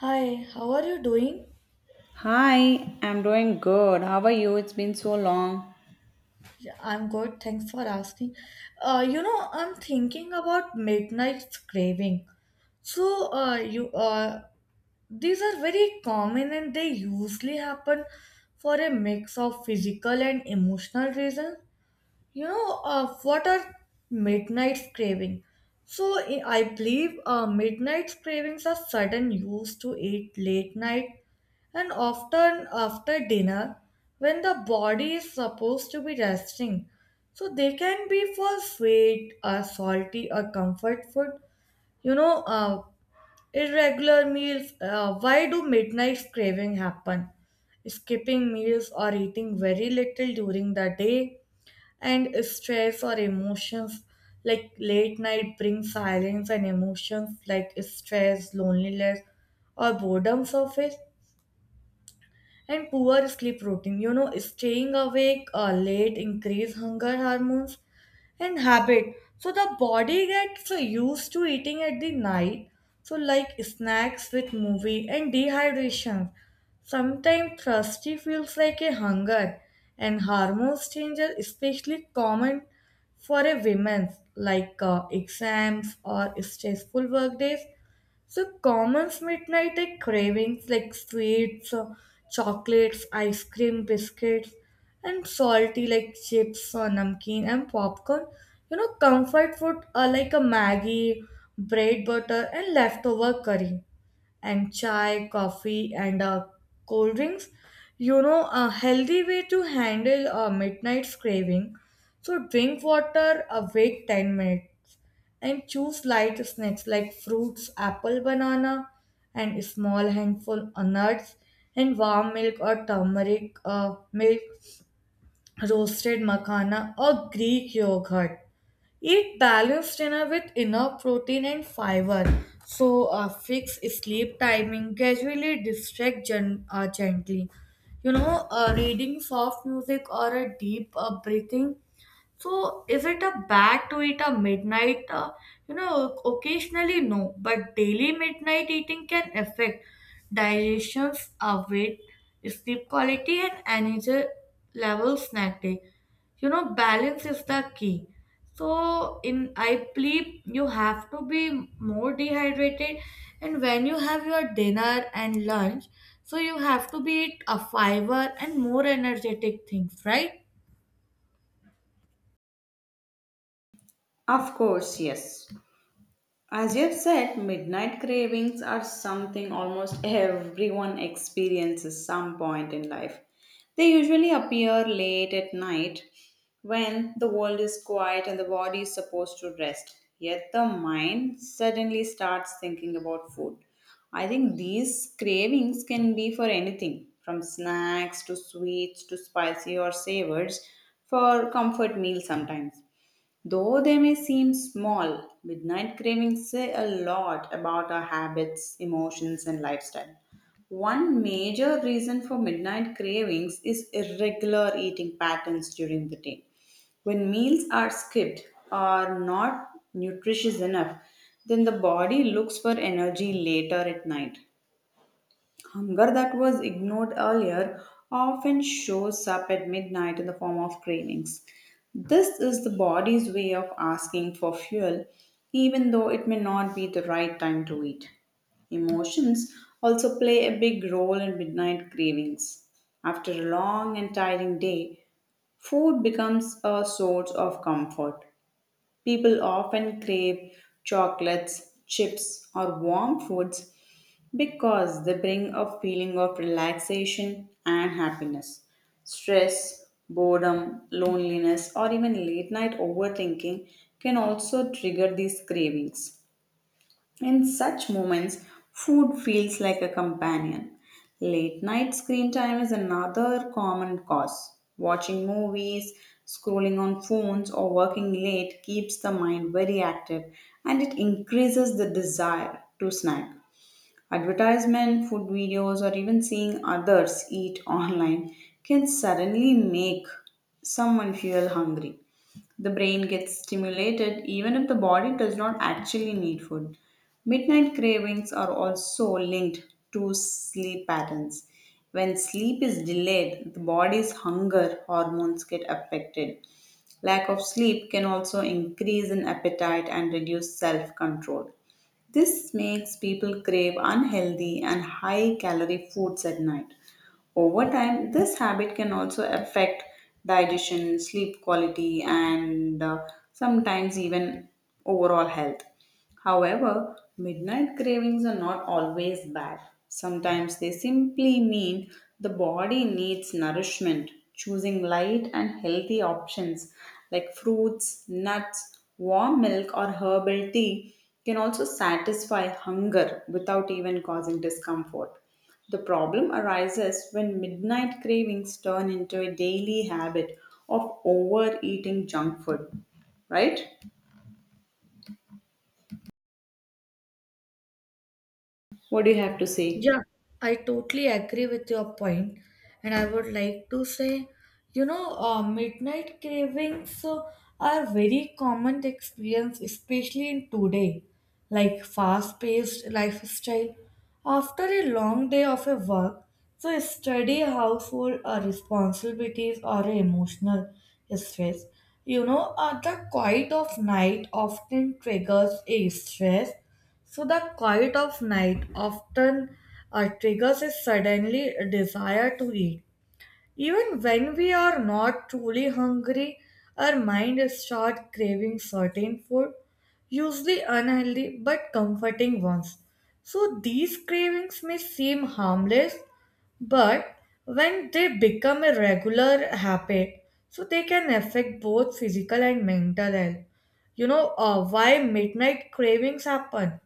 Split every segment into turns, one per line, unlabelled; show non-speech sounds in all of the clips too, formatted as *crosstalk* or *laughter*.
Hi, how are you doing?
Hi, I'm doing good. How are you? It's been so long.
Yeah, I'm good, thanks for asking. I'm thinking about midnight craving. So, you These are very common and they usually happen for a mix of physical and emotional reasons. What are midnight craving? So, I believe midnight cravings are sudden use to eat late night and often after dinner, when the body is supposed to be resting, so they can be for sweet or salty or comfort food. You know, uh, Irregular meals. Why do midnight craving happen? Skipping meals or eating very little during the day, and stress or emotions like late night bring silence and emotions like stress, loneliness, or boredom surface and poor sleep routine. You know, staying awake late increase hunger hormones and habit. So the body gets so used to eating at the night. So like snacks with movie and dehydration. Sometimes thirsty feels like a hunger and hormones change are especially common for a women like exams or stressful work days, so commons midnight like cravings like sweets, chocolates, ice cream, biscuits, and salty like chips or namkeen and popcorn. You know, comfort food are like a Maggie, bread butter, and leftover curry and chai, coffee, and cold drinks. You know, a healthy way to handle a midnight's craving. So, drink water, wait 10 minutes, and choose light snacks like fruits, apple, banana, and small handful of nuts, and warm milk or turmeric milk, roasted makhana, or Greek yogurt. Eat balanced dinner with enough protein and fiber. So, fix sleep timing, gradually distract gently. Reading soft music or a deep breathing, so is it a bad to eat a midnight? Occasionally no, but daily midnight eating can affect digestions, weight, sleep quality, and energy levels next day. You know, balance is the key. So in I believe you have to be more dehydrated, and when you have your dinner and lunch, so you have to be eat a fiber and more energetic things, right?
Of course, yes. As you've said, midnight cravings are something almost everyone experiences some point in life. They usually appear late at night when the world is quiet and the body is supposed to rest. Yet the mind suddenly starts thinking about food. I think these cravings can be for anything from snacks to sweets to spicy or savors for comfort meals sometimes. Though they may seem small, midnight cravings say a lot about our habits, emotions, and lifestyle. One major reason for midnight cravings is irregular eating patterns during the day. When meals are skipped or not nutritious enough, then the body looks for energy later at night. Hunger that was ignored earlier often shows up at midnight in the form of cravings. This is the body's way of asking for fuel, even though it may not be the right time to eat. Emotions also play a big role in midnight cravings. After a long and tiring day, food becomes a source of comfort. People often crave chocolates, chips, or warm foods because they bring a feeling of relaxation and happiness. Stress, boredom, loneliness, or even late night overthinking can also trigger these cravings. In such moments, food feels like a companion. Late night screen time is another common cause. Watching movies, scrolling on phones, or working late keeps the mind very active and it increases the desire to snack. Advertisement, food videos, or even seeing others eat *laughs* online can suddenly make someone feel hungry. The brain gets stimulated even if the body does not actually need food. Midnight cravings are also linked to sleep patterns. When sleep is delayed, the body's hunger hormones get affected. Lack of sleep can also increase in appetite and reduce self control. This makes people crave unhealthy and high calorie foods at night. Over time, this habit can also affect digestion, sleep quality, and sometimes even overall health. However, midnight cravings are not always bad. Sometimes they simply mean the body needs nourishment. Choosing light and healthy options like fruits, nuts, warm milk, or herbal tea can also satisfy hunger without even causing discomfort. The problem arises when midnight cravings turn into a daily habit of overeating junk food, right? What do you have to say?
Yeah, I totally agree with your point, and I would like to say, midnight cravings are very common experience, especially in today, like fast-paced lifestyle. After a long day of a work, so study, household responsibilities or a emotional stress, the quiet of night often triggers a stress, so the quiet of night often triggers a suddenly desire to eat. Even when we are not truly hungry, our mind starts craving certain food, usually unhealthy but comforting ones. So these cravings may seem harmless, but when they become a regular habit, so they can affect both physical and mental health. Why midnight cravings happen?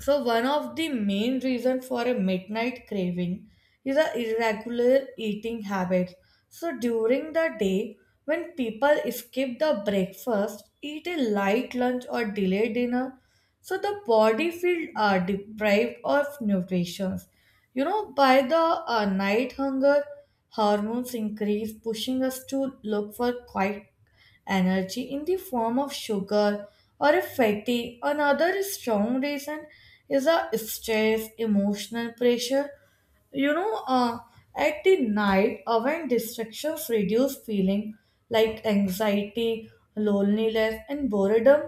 So one of the main reason for a midnight craving is a irregular eating habit. So during the day, when people skip the breakfast, eat a light lunch or delay dinner, so the body feel deprived of nutrition, you know, by the night hunger hormones increase pushing us to look for quiet energy in the form of sugar or a fatty another strong reason is a stress emotional pressure. you know uh, at the night when distractions reduce feeling like anxiety loneliness and boredom,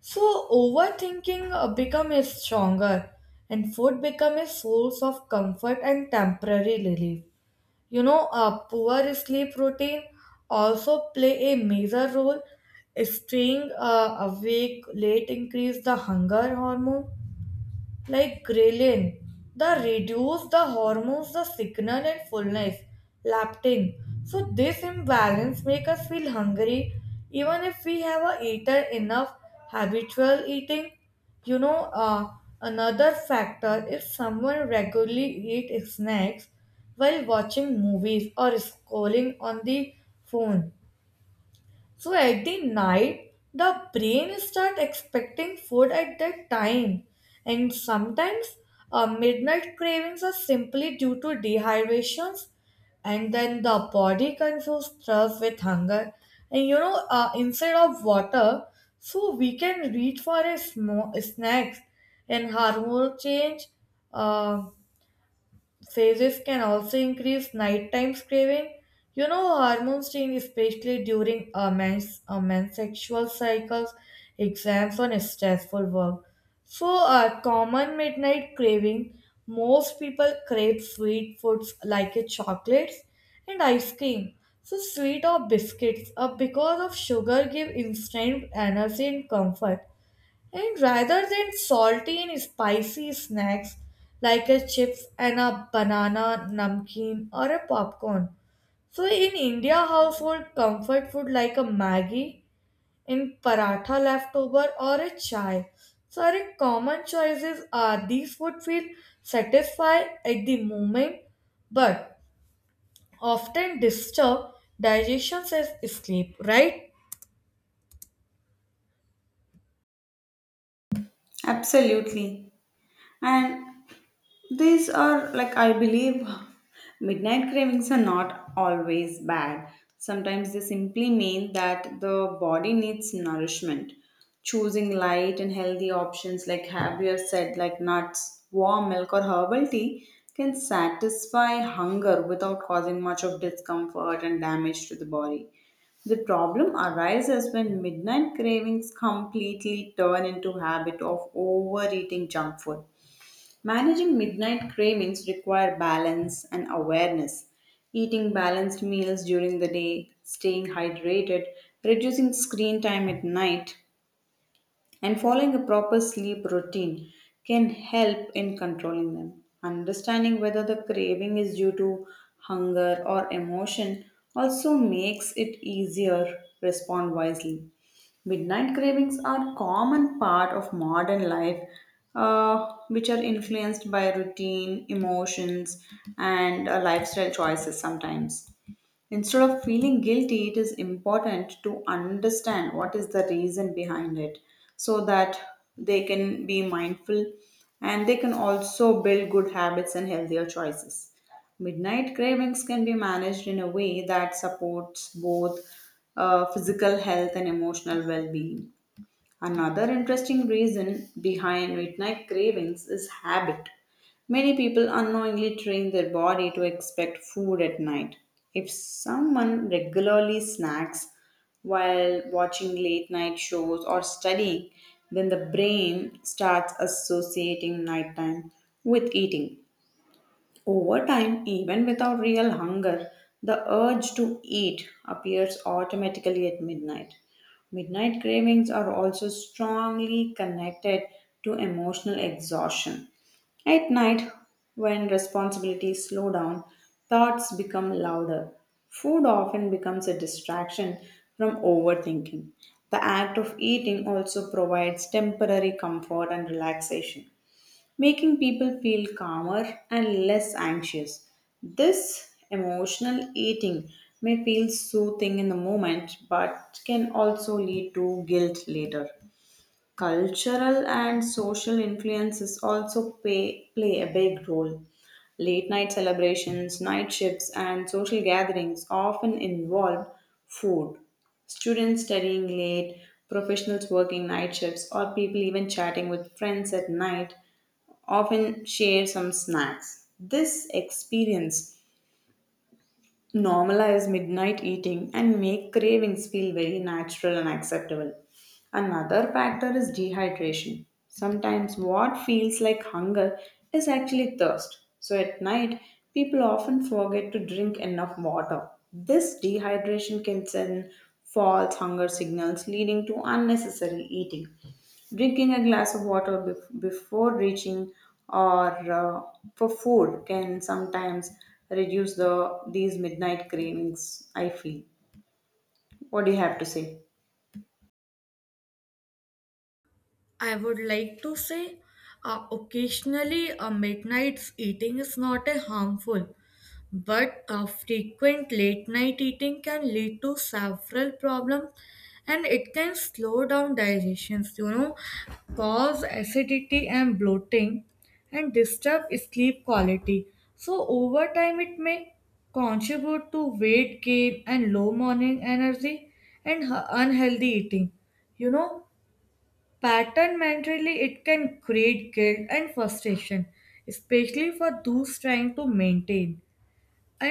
so overthinking becomes stronger and food becomes a source of comfort and temporary relief. You know, a poor sleep routine also play a major role. Staying awake late increase the hunger hormone like ghrelin, the reduce the hormones, the signal and fullness, leptin. So this imbalance make us feel hungry even if we have eaten enough habitual eating. You know, uh, another factor if someone regularly eat snacks while watching movies or scrolling on the phone, so at the night, the brain start expecting food at that time, and sometimes midnight cravings are simply due to dehydrations, and then the body confuses thirst with hunger, and instead of water, so we can reach for a snacks, and hormone change. Uh, phases can also increase nighttime craving. You know, hormone change, especially during men's sexual cycles, exams, and stressful work. So, common midnight craving, most people crave sweet foods like chocolates and ice cream. So, sweet or biscuits because of sugar give instant energy and comfort. And rather than salty and spicy snacks like a chips and a banana namkeen or a popcorn. So in India household comfort food like a Maggi in paratha leftover or a chai. So our common choices are these would feel satisfied at the moment but often disturb digestion as sleep, right?
Absolutely. And these are, like, I believe midnight cravings are not always bad. Sometimes they simply mean that the body needs nourishment. Choosing light and healthy options, like Javier said, like nuts, warm milk, or herbal tea, can satisfy hunger without causing much of discomfort and damage to the body. The problem arises when midnight cravings completely turn into habit of overeating junk food. Managing midnight cravings require balance and awareness. Eating balanced meals during the day, staying hydrated, reducing screen time at night, and following a proper sleep routine can help in controlling them. Understanding whether the craving is due to hunger or emotion also makes it easier respond wisely. Midnight cravings are common part of modern life, which are influenced by routine, emotions, and lifestyle choices sometimes. Instead of feeling guilty, it is important to understand what is the reason behind it so that they can be mindful and they can also build good habits and healthier choices. Midnight cravings can be managed in a way that supports both physical health and emotional well being. Another interesting reason behind midnight cravings is habit. Many people unknowingly train their body to expect food at night. If someone regularly snacks while watching late night shows or studying, then the brain starts associating nighttime with eating. Over time, even without real hunger, the urge to eat appears automatically at midnight. Midnight cravings are also strongly connected to emotional exhaustion. At night, when responsibilities slow down, thoughts become louder. Food often becomes a distraction from overthinking. The act of eating also provides temporary comfort and relaxation, making people feel calmer and less anxious. This emotional eating may feel soothing in the moment but can also lead to guilt later. Cultural and social influences also play a big role. Late night celebrations, night shifts, and social gatherings often involve food. Students studying late, professionals working night shifts, or people even chatting with friends at night often share some snacks. This experience normalize midnight eating and make cravings feel very natural and acceptable. Another factor is dehydration. Sometimes what feels like hunger is actually thirst. So at night, people often forget to drink enough water. This dehydration can send false hunger signals leading to unnecessary eating. Drinking a glass of water before reaching or for food can sometimes reduce the these midnight cravings, I feel. What do you have to say?
I would like to say occasionally a midnight eating is not a harmful, but frequent late night eating can lead to several problems and it can slow down digestions, you know, cause acidity and bloating and disturb sleep quality. So over time it may contribute to weight gain and low morning energy and unhealthy eating. You know, pattern mentally it can create guilt and frustration especially for those trying to maintain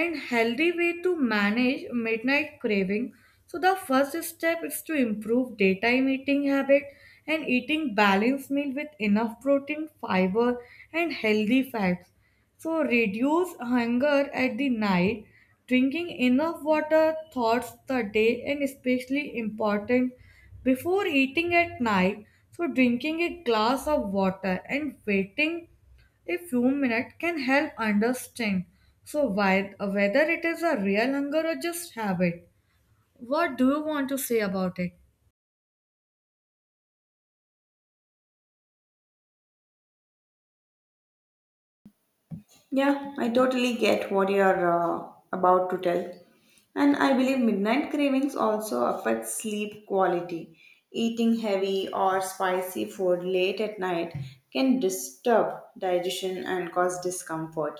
and healthy way to manage midnight craving. So the first step is to improve daytime eating habit and eating balanced meal with enough protein, fiber and healthy fats. So reduce hunger at the night, drinking enough water thoughts the day and especially important before eating at night. So drinking a glass of water and waiting a few minutes can help understand. So, why, whether it is a real hunger or just habit, what do you want to say about it?
Yeah, I totally get what you're about to tell. And I believe midnight cravings also affect sleep quality. Eating heavy or spicy food late at night can disturb digestion and cause discomfort,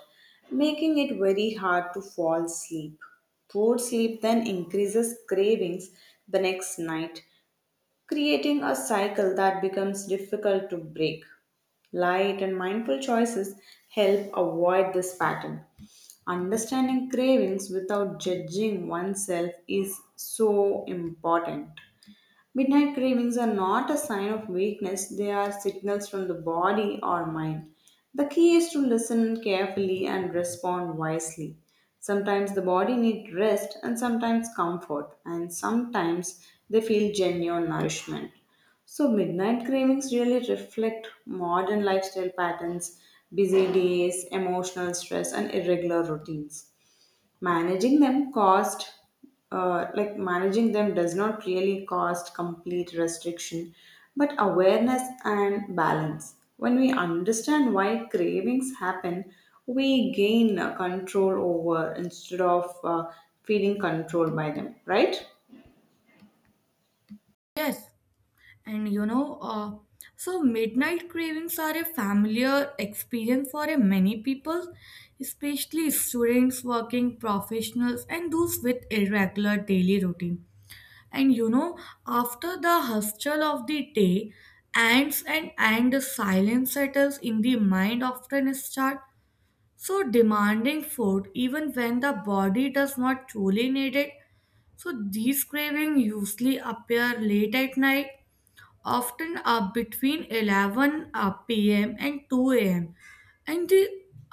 making it very hard to fall asleep. Poor sleep then increases cravings the next night, creating a cycle that becomes difficult to break. Light and mindful choices help avoid this pattern. Understanding cravings without judging oneself is so important. Midnight cravings are not a sign of weakness, they are signals from the body or mind. The key is to listen carefully and respond wisely. Sometimes the body needs rest and sometimes comfort, and sometimes they feel genuine nourishment. So, midnight cravings really reflect modern lifestyle patterns, busy days, emotional stress, and irregular routines managing them cost like managing them does not really cost complete restriction but awareness and balance when we understand why cravings happen we gain control over instead of feeling controlled by them, right?
Yes, and so midnight cravings are a familiar experience for a many people, especially students, working professionals, and those with irregular daily routine. And you know, after the hustle of the day ends and the silence settles in the mind often start, so demanding food even when the body does not truly need it. So these cravings usually appear late at night, often between 11 p.m. and 2 a.m. and they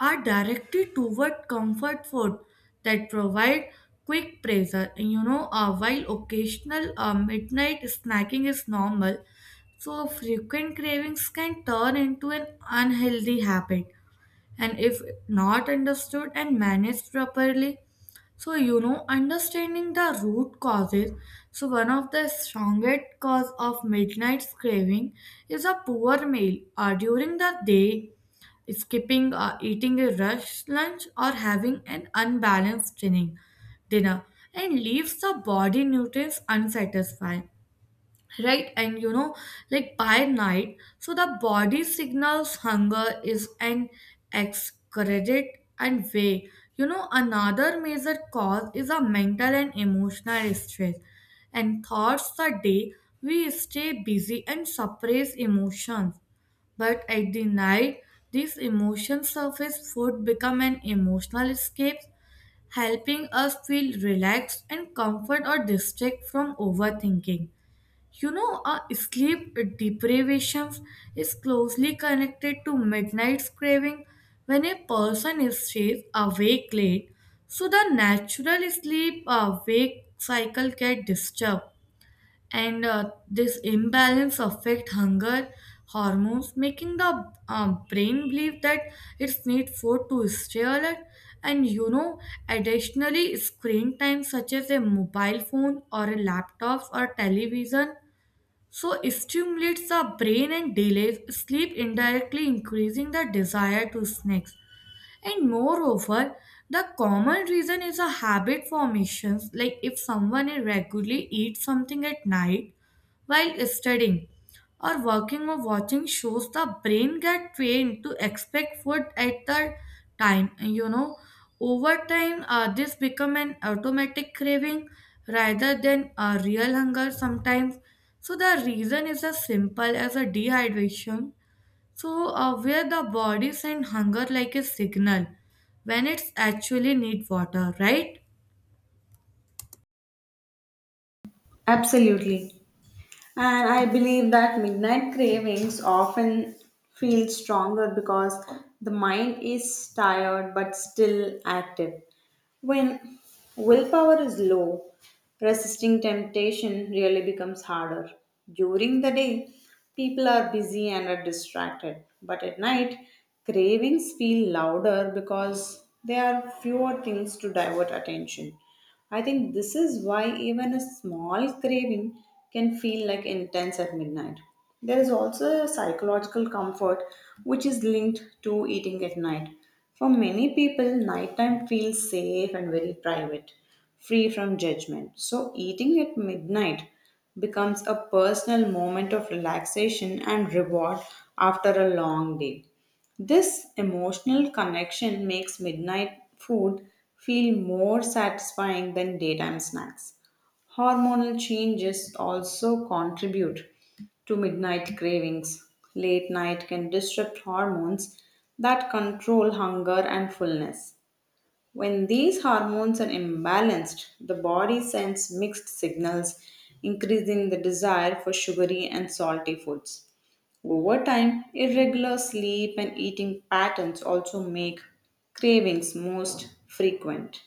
are directed toward comfort food that provide quick pleasure. And while occasional midnight snacking is normal, so frequent cravings can turn into an unhealthy habit and if not understood and managed properly, so you know understanding the root causes, so one of the strongest cause of midnight craving is a poor meal during the day, skipping eating a rush lunch or having an unbalanced dinner and leaves the body nutrients unsatisfied, right? And you know like by night so the body signals hunger is an excreted and way. Another major cause is a mental and emotional stress and thoughts the day we stay busy and suppress emotions but at the night these emotions surface food become an emotional escape helping us feel relaxed and comfort or distract from overthinking. Sleep deprivation is closely connected to midnight craving. When a person stays awake late, so the natural sleep wake cycle get disturbed, and this imbalance affect hunger hormones, making the brain believe that it's need food to stay alert. And you know, additionally, screen time such as a mobile phone or a laptop or television, so it stimulates the brain and delays sleep, indirectly increasing the desire to snacks. And moreover, the common reason is a habit formations. Like if someone regularly eats something at night, while studying or working or watching shows the brain get trained to expect food at the time. And you know over time this become an automatic craving rather than a real hunger. Sometimes so the reason is as simple as a dehydration, so where the body send hunger like a signal when it's actually need water, right?
Absolutely. And I believe that midnight cravings often feel stronger because the mind is tired but still active. When willpower is low, resisting temptation really becomes harder. During the day, people are busy and are distracted, but at night, cravings feel louder because there are fewer things to divert attention. I think this is why even a small craving can feel like intense at midnight. There is also a psychological comfort which is linked to eating at night. For many people, nighttime feels safe and very private, free from judgment. So, eating at midnight becomes a personal moment of relaxation and reward after a long day. This emotional connection makes midnight food feel more satisfying than daytime snacks. Hormonal changes also contribute to midnight cravings. Late night can disrupt hormones that control hunger and fullness. When these hormones are imbalanced, the body sends mixed signals, increasing the desire for sugary and salty foods. Over time, irregular sleep and eating patterns also make cravings most frequent.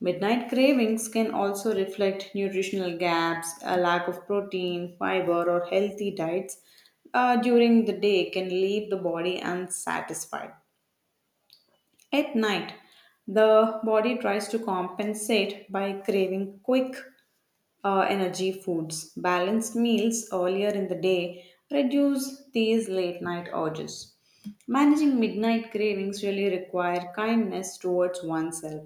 Midnight cravings can also reflect nutritional gaps, a lack of protein, fiber, or healthy diets during the day can leave the body unsatisfied. At night, the body tries to compensate by craving quick energy foods. Balanced meals earlier in the day reduce these late night urges. Managing midnight cravings really require kindness towards oneself.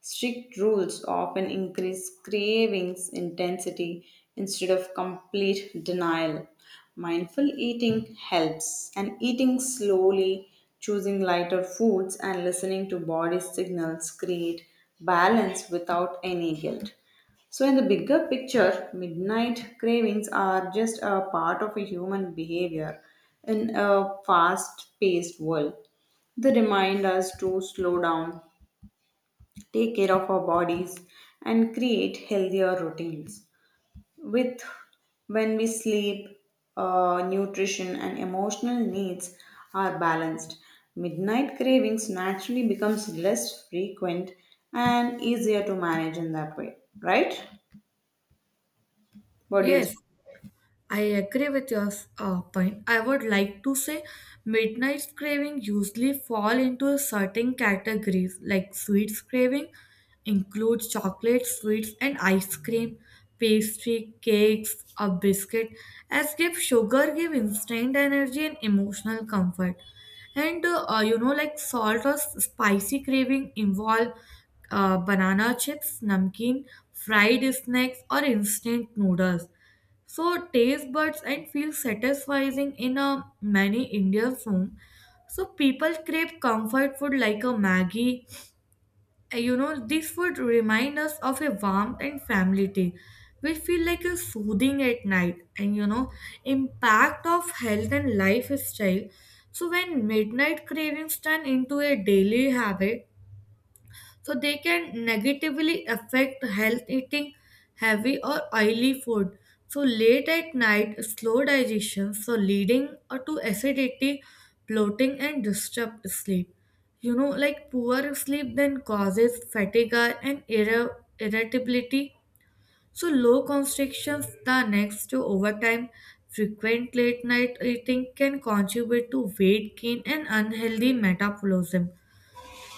Strict rules often increase cravings intensity instead of complete denial. Mindful eating helps, and eating slowly, choosing lighter foods, and listening to body signals create balance without any guilt. So, in the bigger picture, midnight cravings are just a part of a human behavior in a fast paced world. They remind us to slow down, take care of our bodies, and create healthier routines. With when we sleep, nutrition, and emotional needs are balanced, midnight cravings naturally becomes less frequent and easier to manage in that way, right? What do you say?
Yes, I agree with your point. I would like to say midnight craving usually fall into certain categories like sweets craving includes chocolate, sweets and ice cream, pastry, cakes, a biscuit as give sugar give instant energy and emotional comfort. And like salt or spicy craving involve banana chips, namkeen, fried snacks or instant noodles so taste buds and feel satisfying in a many Indian home. So people crave comfort food like a Maggie. This food remind us of a warmth and family tea. We feel like a soothing at night and you know, impact of health and lifestyle. So when midnight cravings turn into a daily habit, so they can negatively affect health eating heavy or oily food so late at night slow digestion so leading to acidity bloating and disturbed sleep. You know like poor sleep then causes fatigue and irritability, so low constrictions the next to overtime frequent late night eating can contribute to weight gain and unhealthy metabolism.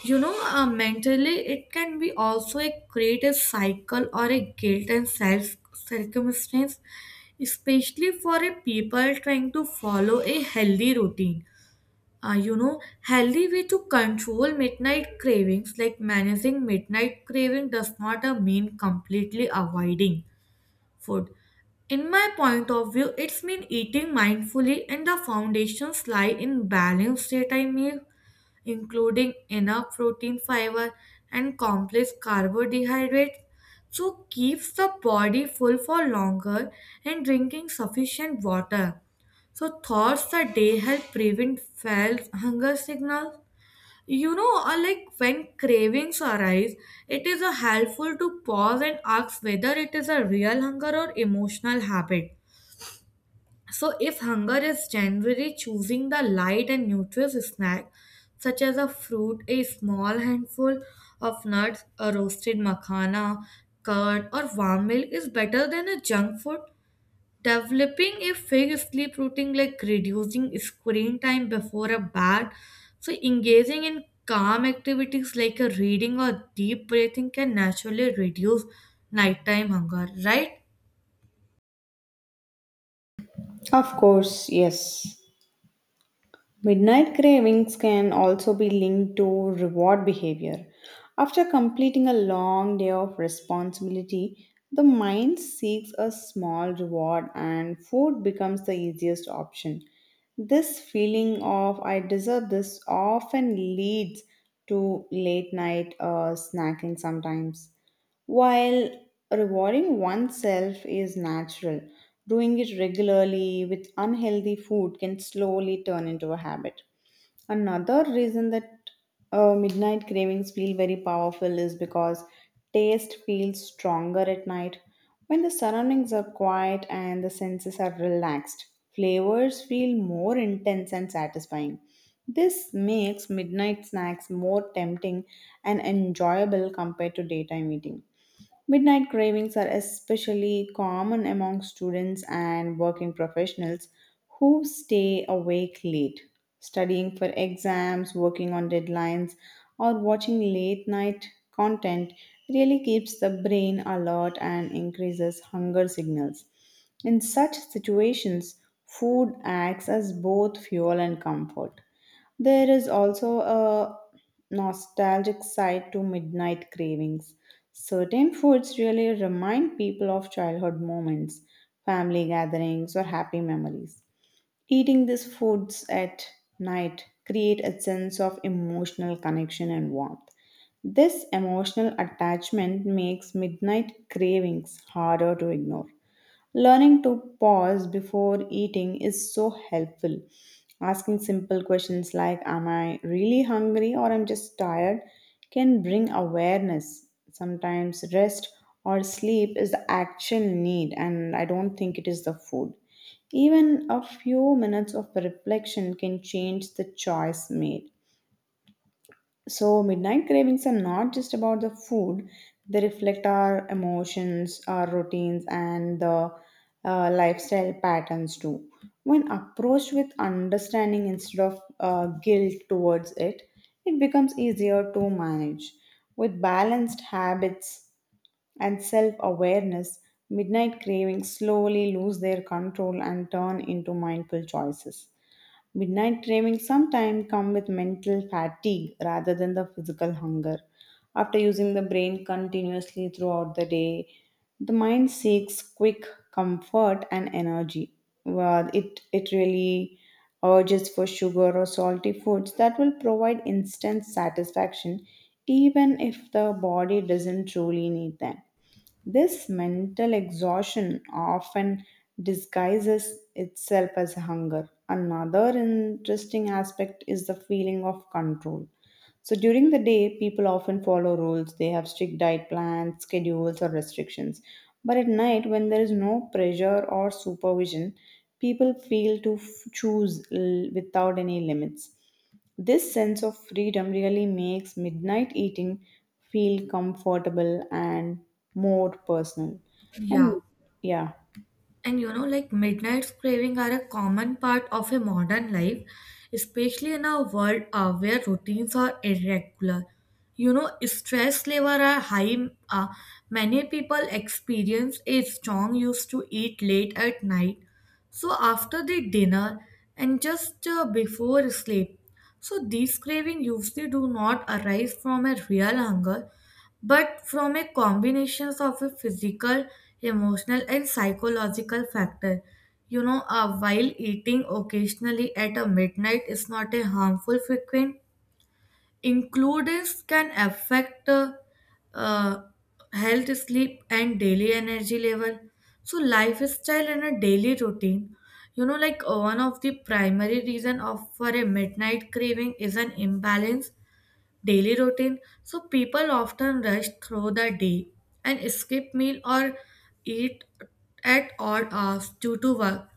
Mentally, it can be also a create a cycle or a guilt and self circumstance, especially for a people trying to follow a healthy routine. You know, healthy way to control midnight cravings, like managing midnight craving, does not mean completely avoiding food. In my point of view, it's mean eating mindfully, and the foundations lie in balanced daytime meal including enough protein, fiber, and complex carbohydrates. So keeps the body full for longer and drinking sufficient water. So thoughts the day help prevent false hunger signals. Like when cravings arise, it is helpful to pause and ask whether it is a real hunger or emotional habit. So, if hunger is January, choosing the light and nutritious snack, such as a fruit, a small handful of nuts, a roasted makhana, curd, or warm milk, is better than a junk food. Developing a fixed sleep routine, like reducing screen time before a bed, so engaging in calm activities like a reading or deep breathing can naturally reduce nighttime hunger, right?
Of course, yes. Midnight cravings can also be linked to reward behavior. After completing a long day of responsibility, the mind seeks a small reward and food becomes the easiest option. This feeling of I deserve this often leads to late night snacking sometimes. While rewarding oneself is natural, doing it regularly with unhealthy food can slowly turn into a habit. Another reason that midnight cravings feel very powerful is because taste feels stronger at night. When the surroundings are quiet and the senses are relaxed, flavors feel more intense and satisfying. This makes midnight snacks more tempting and enjoyable compared to daytime eating. Midnight cravings are especially common among students and working professionals who stay awake late, studying for exams, working on deadlines, or watching late night content really keeps the brain alert and increases hunger signals. In such situations, food acts as both fuel and comfort. There is also a nostalgic side to midnight cravings. Certain foods really remind people of childhood moments, family gatherings, or happy memories. Eating these foods at night create a sense of emotional connection and warmth. This emotional attachment makes midnight cravings harder to ignore. Learning to pause before eating is so helpful. Asking simple questions like, "Am I really hungry or I'm just tired?" can bring awareness. Sometimes rest or sleep is the actual need, and I don't think it is the food. Even a few minutes of reflection can change the choice made. So, midnight cravings are not just about the food, they reflect our emotions, our routines, and the lifestyle patterns too. When approached with understanding instead of guilt towards it, it becomes easier to manage. With balanced habits and self awareness, midnight cravings slowly lose their control and turn into mindful choices. Midnight cravings sometimes come with mental fatigue rather than the physical hunger. After using the brain continuously throughout the day, the mind seeks quick comfort and energy. Well, it really urges for sugar or salty foods that will provide instant satisfaction even if the body doesn't truly need them. This mental exhaustion often disguises itself as hunger. Another interesting aspect is the feeling of control. So during the day, people often follow rules. They have strict diet plans, schedules, or restrictions. But at night, when there is no pressure or supervision, people feel to choose without any limits. This sense of freedom really makes midnight eating feel comfortable and more personal.
Yeah.
And yeah.
And you know, like midnight's craving are a common part of a modern life, especially in a world where routines are irregular. You know, stress level are high. Uh, many people experience a strong used to eat late at night. So after the dinner and just before sleep. So these craving usually do not arise from a real hunger but from a combinations of a physical emotional and psychological factor. While eating occasionally at a midnight is not a harmful frequent includes can affect uh, health sleep and daily energy level, so lifestyle and a daily routine. One of the primary reason of for a midnight craving is an imbalance daily routine. So people often rush through the day and skip meal or eat at odd hours due to work.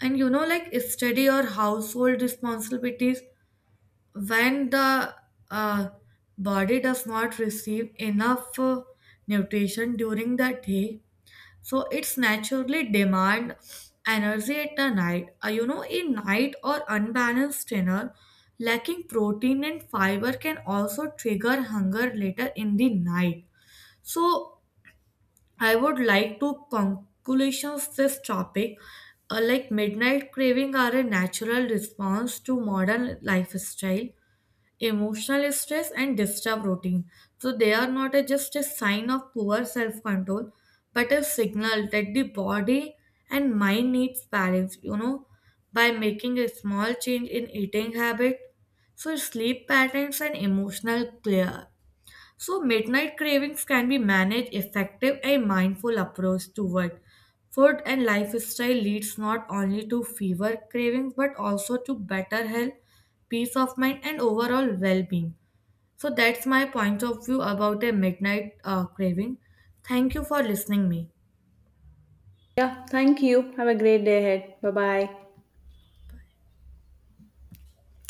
And you know, like study or household responsibilities, when the uh, body does not receive enough nutrition during the day, so it's naturally demand energy at the night. You know a night or unbalanced dinner lacking protein and fiber can also trigger hunger later in the night, so I would like to conclusions this topic. Like midnight craving are a natural response to modern lifestyle emotional stress and disturbed routine. So they are not a, just a sign of poor self control, but a signal that the body and mind needs balance, you know, by making a small change in eating habit. So sleep patterns and emotional clear, so, midnight cravings can be managed effective and mindful approach toward food and lifestyle leads not only to fewer cravings but also to better health, peace of mind and overall well-being. So that's my point of view about a midnight craving. Thank you for listening me.
Yeah, thank you. Have a great day ahead. Bye bye.